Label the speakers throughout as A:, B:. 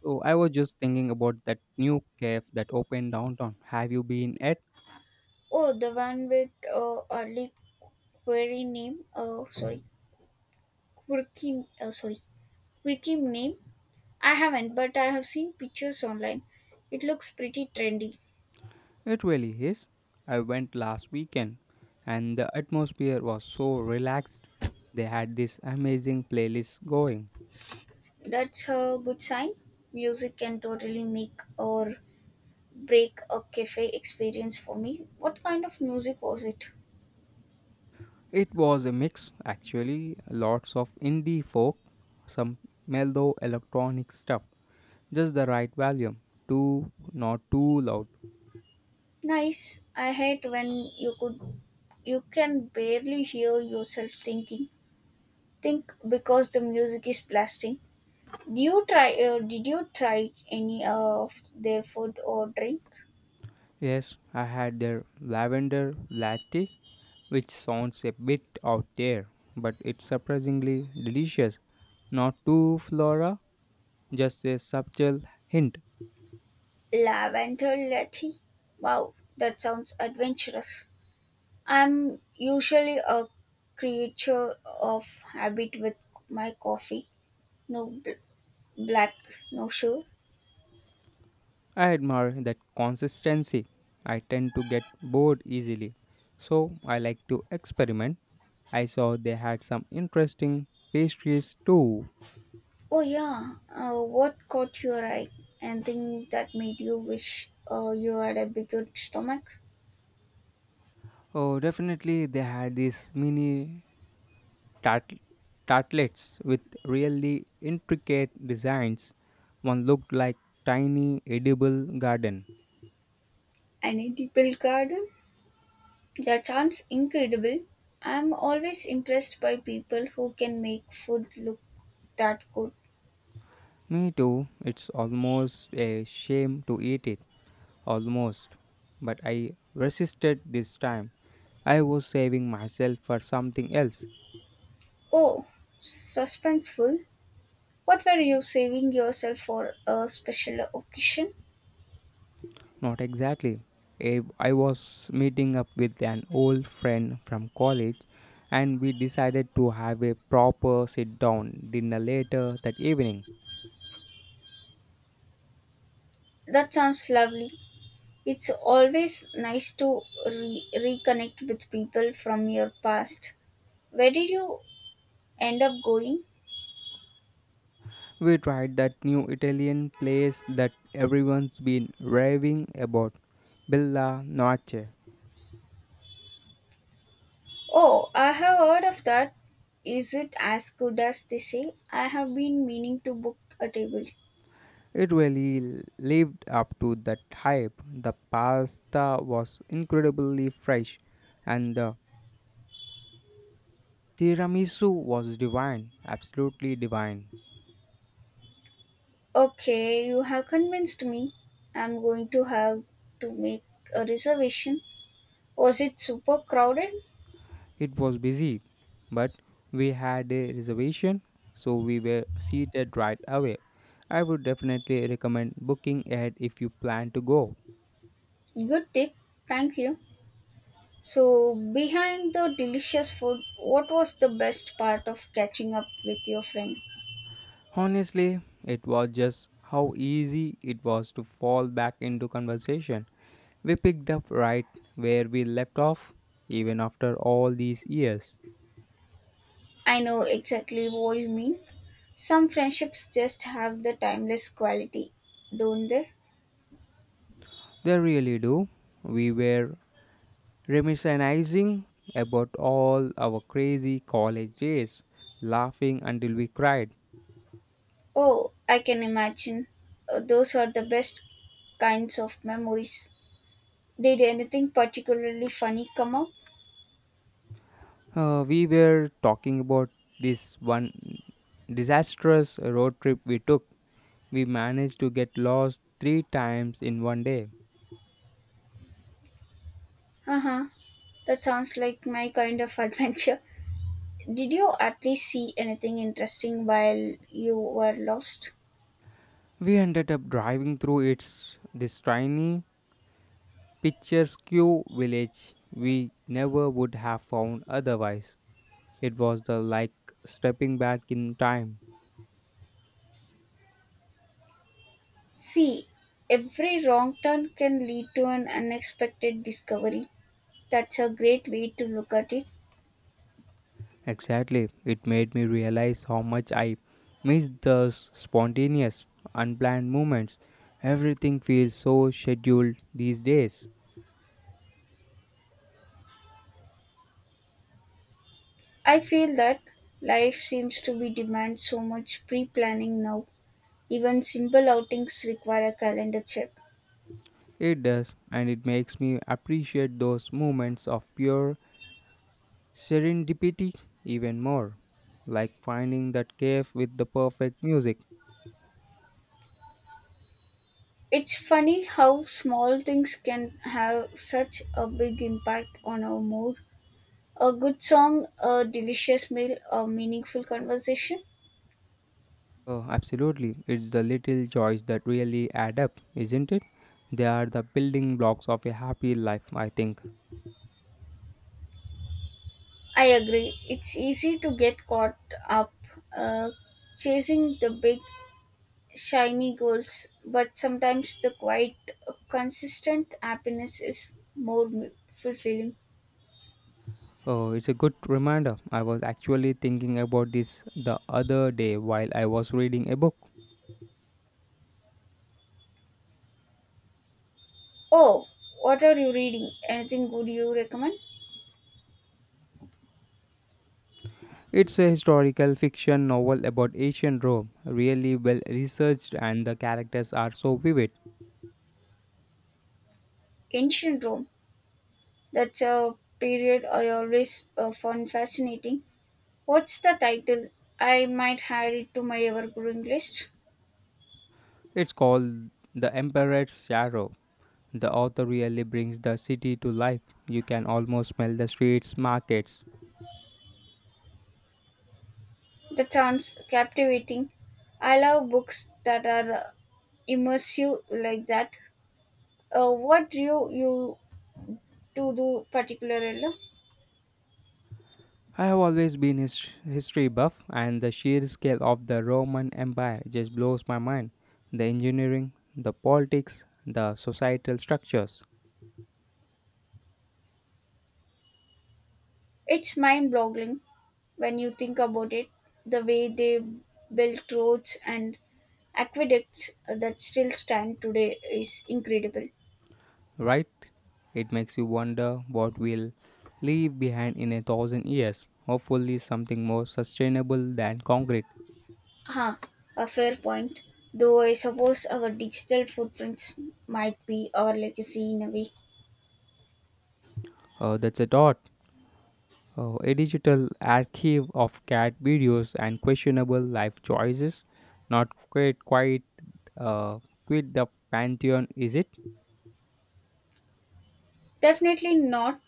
A: So I was just thinking about that new cafe that opened downtown. Have you been at?
B: Oh, the one with early query name. Oh, sorry, quirky. Quirky name. I haven't, but I have seen pictures online. It looks pretty trendy.
A: It really is. I went last weekend and the atmosphere was so relaxed. They had this amazing playlist going.
B: That's a good sign. Music can totally make or break a cafe experience for me. What kind of music was it?
A: It was a mix actually, lots of indie folk, some mellow electronic stuff, just the right volume, too not too loud.
B: Nice. I hate when you can barely hear yourself thinking. Think because the music is blasting. Do you try? Did you try any of their food or drink?
A: Yes, I had their lavender latte which sounds a bit out there, but it's surprisingly delicious. Not too flora, just a subtle hint.
B: Lavender latte. Wow, that sounds adventurous. I'm usually a creature of habit with my coffee. No bl- Black, no sugar.
A: I admire that consistency. I tend to get bored easily, so I like to experiment. I saw they had some interesting pastries too.
B: Oh yeah. What caught your eye? Anything that made you wish you had a bigger stomach?
A: Oh, definitely they had these mini tart- tartlets with really intricate designs. One looked like tiny edible garden.
B: Any deep garden? That sounds incredible. I'm always impressed by people who can make food look that good.
A: Me too. It's almost a shame to eat it. Almost. But I resisted this time. I was saving myself for something else.
B: Oh, suspenseful. What were you saving yourself for, a special occasion?
A: Not exactly. I I was meeting up with an old friend from college and we decided to have a proper sit down dinner later that evening.
B: That sounds lovely. It's always nice to reconnect with people from your past. Where did you end up going?
A: We tried that new Italian place that everyone's been raving about, Bella Noce.
B: Oh, I have heard of that. Is it as good as they say? I have been meaning to book a table.
A: It really lived up to that hype. The pasta was incredibly fresh and the tiramisu was divine, absolutely divine.
B: Okay, you have convinced me. I'm going to have to make a reservation. Was it super crowded?
A: It was busy, but we had a reservation, so we were seated right away. I would definitely recommend booking ahead if you plan to go.
B: Good tip. Thank you. So, behind the delicious food, what was the best part of catching up with your friend?
A: Honestly, it was just how easy it was to fall back into conversation. We picked up right where we left off, even after all these years.
B: I know exactly what you mean. Some friendships just have the timeless quality, don't they?
A: They really do. We were reminiscing about all our crazy college days, laughing until we cried.
B: Oh, I can imagine. Those are the best kinds of memories. Did anything particularly funny come up?
A: We were talking about this one disastrous road trip we took. We managed to get lost three times in one day.
B: Uh huh. That sounds like my kind of adventure. Did you at least see anything interesting while you were lost?
A: We ended up driving through its this tiny picturesque village we never would have found otherwise. It was the like stepping back in time.
B: See, every wrong turn can lead to an unexpected discovery. That's a great way to look at it.
A: Exactly, it made me realize how much I miss those spontaneous, unplanned moments. Everything feels so scheduled these days.
B: I feel that life seems to be demand so much pre-planning now. Even simple outings require a calendar check.
A: It does, and it makes me appreciate those moments of pure serendipity even more. Like finding that cave with the perfect music.
B: It's funny how small things can have such a big impact on our mood. A good song, a delicious meal, a meaningful conversation.
A: Oh, absolutely. It's the little joys that really add up, isn't it? They are the building blocks of a happy life, I think.
B: I agree. It's easy to get caught up uh, chasing the big, shiny goals, but sometimes the quiet, consistent happiness is more fulfilling.
A: Oh, it's a good reminder. I was actually thinking about this the other day while I was reading a book.
B: Oh, what are you reading? Anything good you recommend?
A: It's a historical fiction novel about ancient Rome, really well researched, and the characters are so vivid.
B: Ancient Rome. That's a period I always found fascinating. What's the title? I might add it to my ever growing list.
A: It's called The Emperor's Shadow. The author really brings the city to life. You can almost smell the streets, markets.
B: That sounds captivating. I love books that are immersive like that. What drew you to do particularly?
A: I have always been history buff, and the sheer scale of the Roman Empire just blows my mind. The engineering, the politics, the societal structures,
B: It's mind-boggling when you think about it. The way they built roads and aqueducts that still stand today is incredible.
A: right? It makes you wonder what we'll leave behind in 1,000 years. Hopefully, something more sustainable than concrete.
B: Huh, a fair point. Though I suppose our digital footprints might be our legacy in a way.
A: That's a thought. A digital archive of cat videos and questionable life choices. Not uh, quit the pantheon, is it?
B: Definitely not,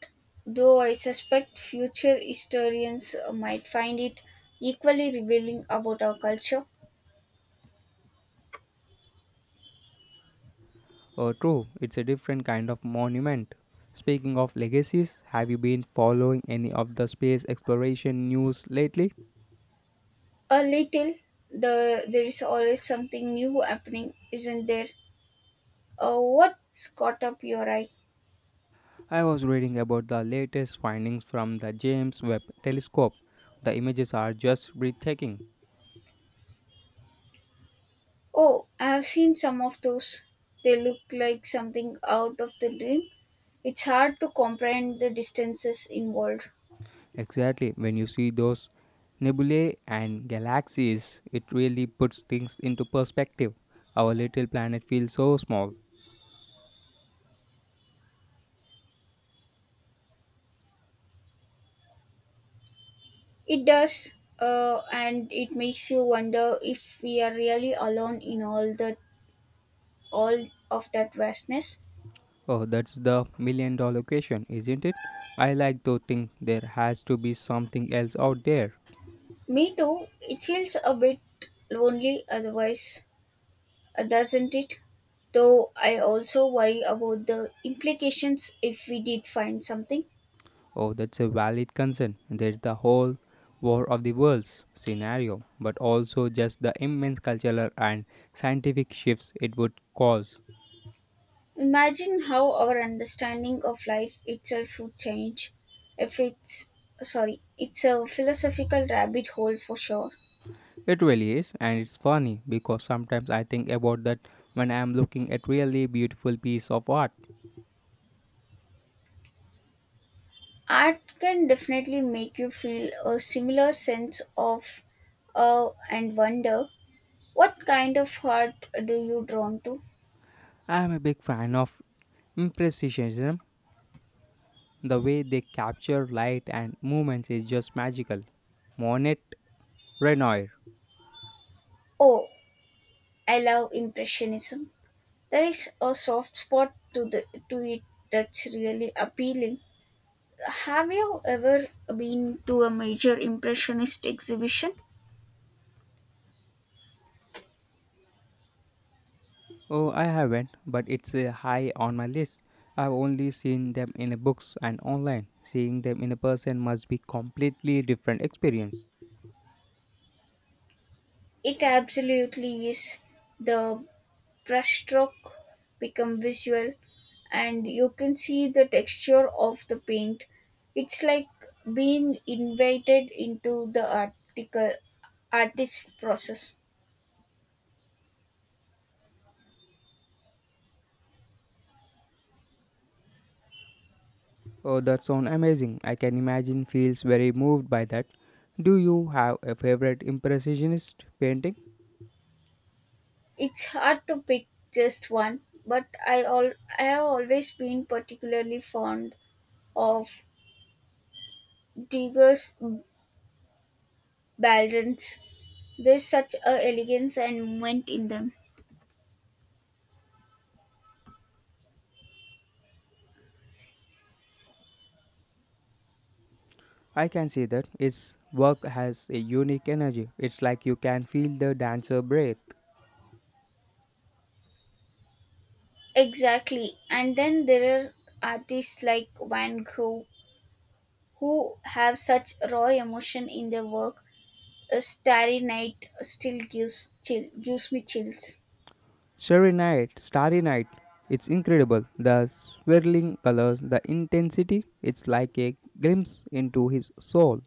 B: though I suspect future historians might find it equally revealing about our culture.
A: Oh, true, it's a different kind of monument. Speaking of legacies, have you been following any of the space exploration news lately?
B: A little, there is always something new happening, isn't there? What's caught up your eye?
A: I was reading about the latest findings from the James Webb telescope. The images are just breathtaking.
B: Oh, I have seen some of those. They look like something out of the dream. It's hard to comprehend the distances involved.
A: Exactly, when you see those nebulae and galaxies, it really puts things into perspective. Our little planet feels so small.
B: It does, and it makes you wonder if we are really alone in all of that vastness.
A: Oh, that's the million dollar question, isn't it? I like to think there has to be something else out there.
B: Me too. It feels a bit lonely otherwise, doesn't it? Though I also worry about the implications if we did find something.
A: Oh, that's a valid concern. There's the whole War of the Worlds scenario, but also just the immense cultural and scientific shifts it would cause.
B: Imagine how our understanding of life itself would change. If it's sorry, it's a philosophical rabbit hole for sure.
A: It really is, and it's funny because sometimes I think about that when I'm looking at really beautiful piece of art.
B: Art can definitely make you feel a similar sense of awe and wonder. What kind of art do you drawn to?
A: I'm a big fan of impressionism. The way they capture light and movements is just magical. Monet Renoir.
B: Oh, I love impressionism. There is a soft spot to it that's really appealing. Have you ever been to a major impressionist exhibition?
A: Oh, I haven't, but it's a high on my list. I've only seen them in books and online. Seeing them in a person must be completely different experience.
B: It absolutely is. The brushstroke become visual, and you can see the texture of the paint. It's like being invited into the article artist process.
A: Oh, that sounds amazing. I can imagine feels very moved by that. Do you have a favorite impressionist painting?
B: It's hard to pick just one, but I have always been particularly fond of Digger's balladons. There's such a elegance and movement in them.
A: I can see that. Its work has a unique energy. It's like you can feel the dancer breathe.
B: Exactly, and then there are artists like Van Gogh who have such raw emotion in their work. A Starry Night still gives me chills.
A: Starry night, starry night. It's incredible. The swirling colors, the intensity. It's like a glimpse into his soul.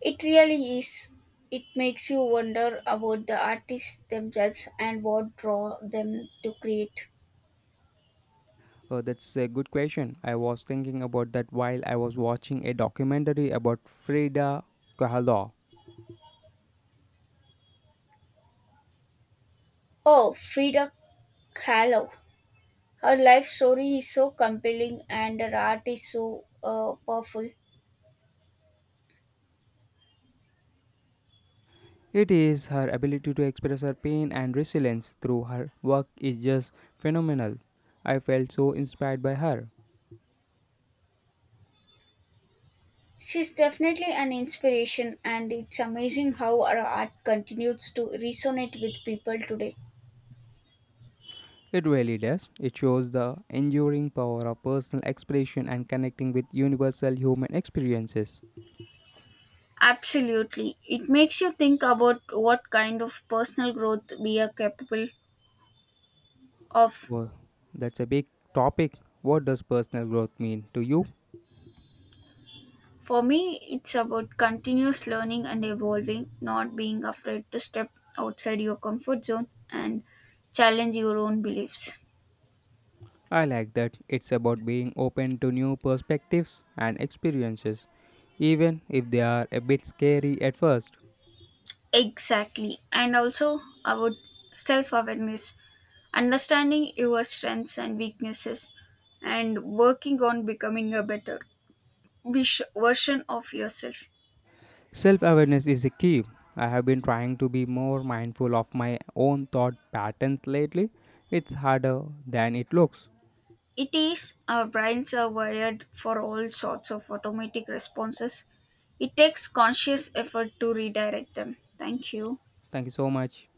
B: It really is. It makes you wonder about the artists themselves and what draw them to create.
A: That's a good question. I was thinking about that while I was watching a documentary about Frida Kahlo.
B: Oh, Frida Kahlo. Her life story is so compelling and her art is so powerful.
A: It is her ability to express her pain and resilience through her work is just phenomenal. I felt so inspired by her.
B: She's definitely an inspiration, and it's amazing how her art continues to resonate with people today.
A: It really does. It shows the enduring power of personal expression and connecting with universal human experiences.
B: Absolutely. It makes you think about what kind of personal growth we are capable of.
A: Well, that's a big topic. What does personal growth mean to you?
B: For me, it's about continuous learning and evolving, not being afraid to step outside your comfort zone and challenge your own beliefs.
A: I like that. It's about being open to new perspectives and experiences, even if they are a bit scary at first.
B: Exactly. And also about self awareness, understanding your strengths and weaknesses, and working on becoming a better version of yourself.
A: Self awareness is a key. I have been trying to be more mindful of my own thought patterns lately. It's harder than it looks.
B: It is, our brains are wired for all sorts of automatic responses. It takes conscious effort to redirect them. Thank you.
A: Thank you so much.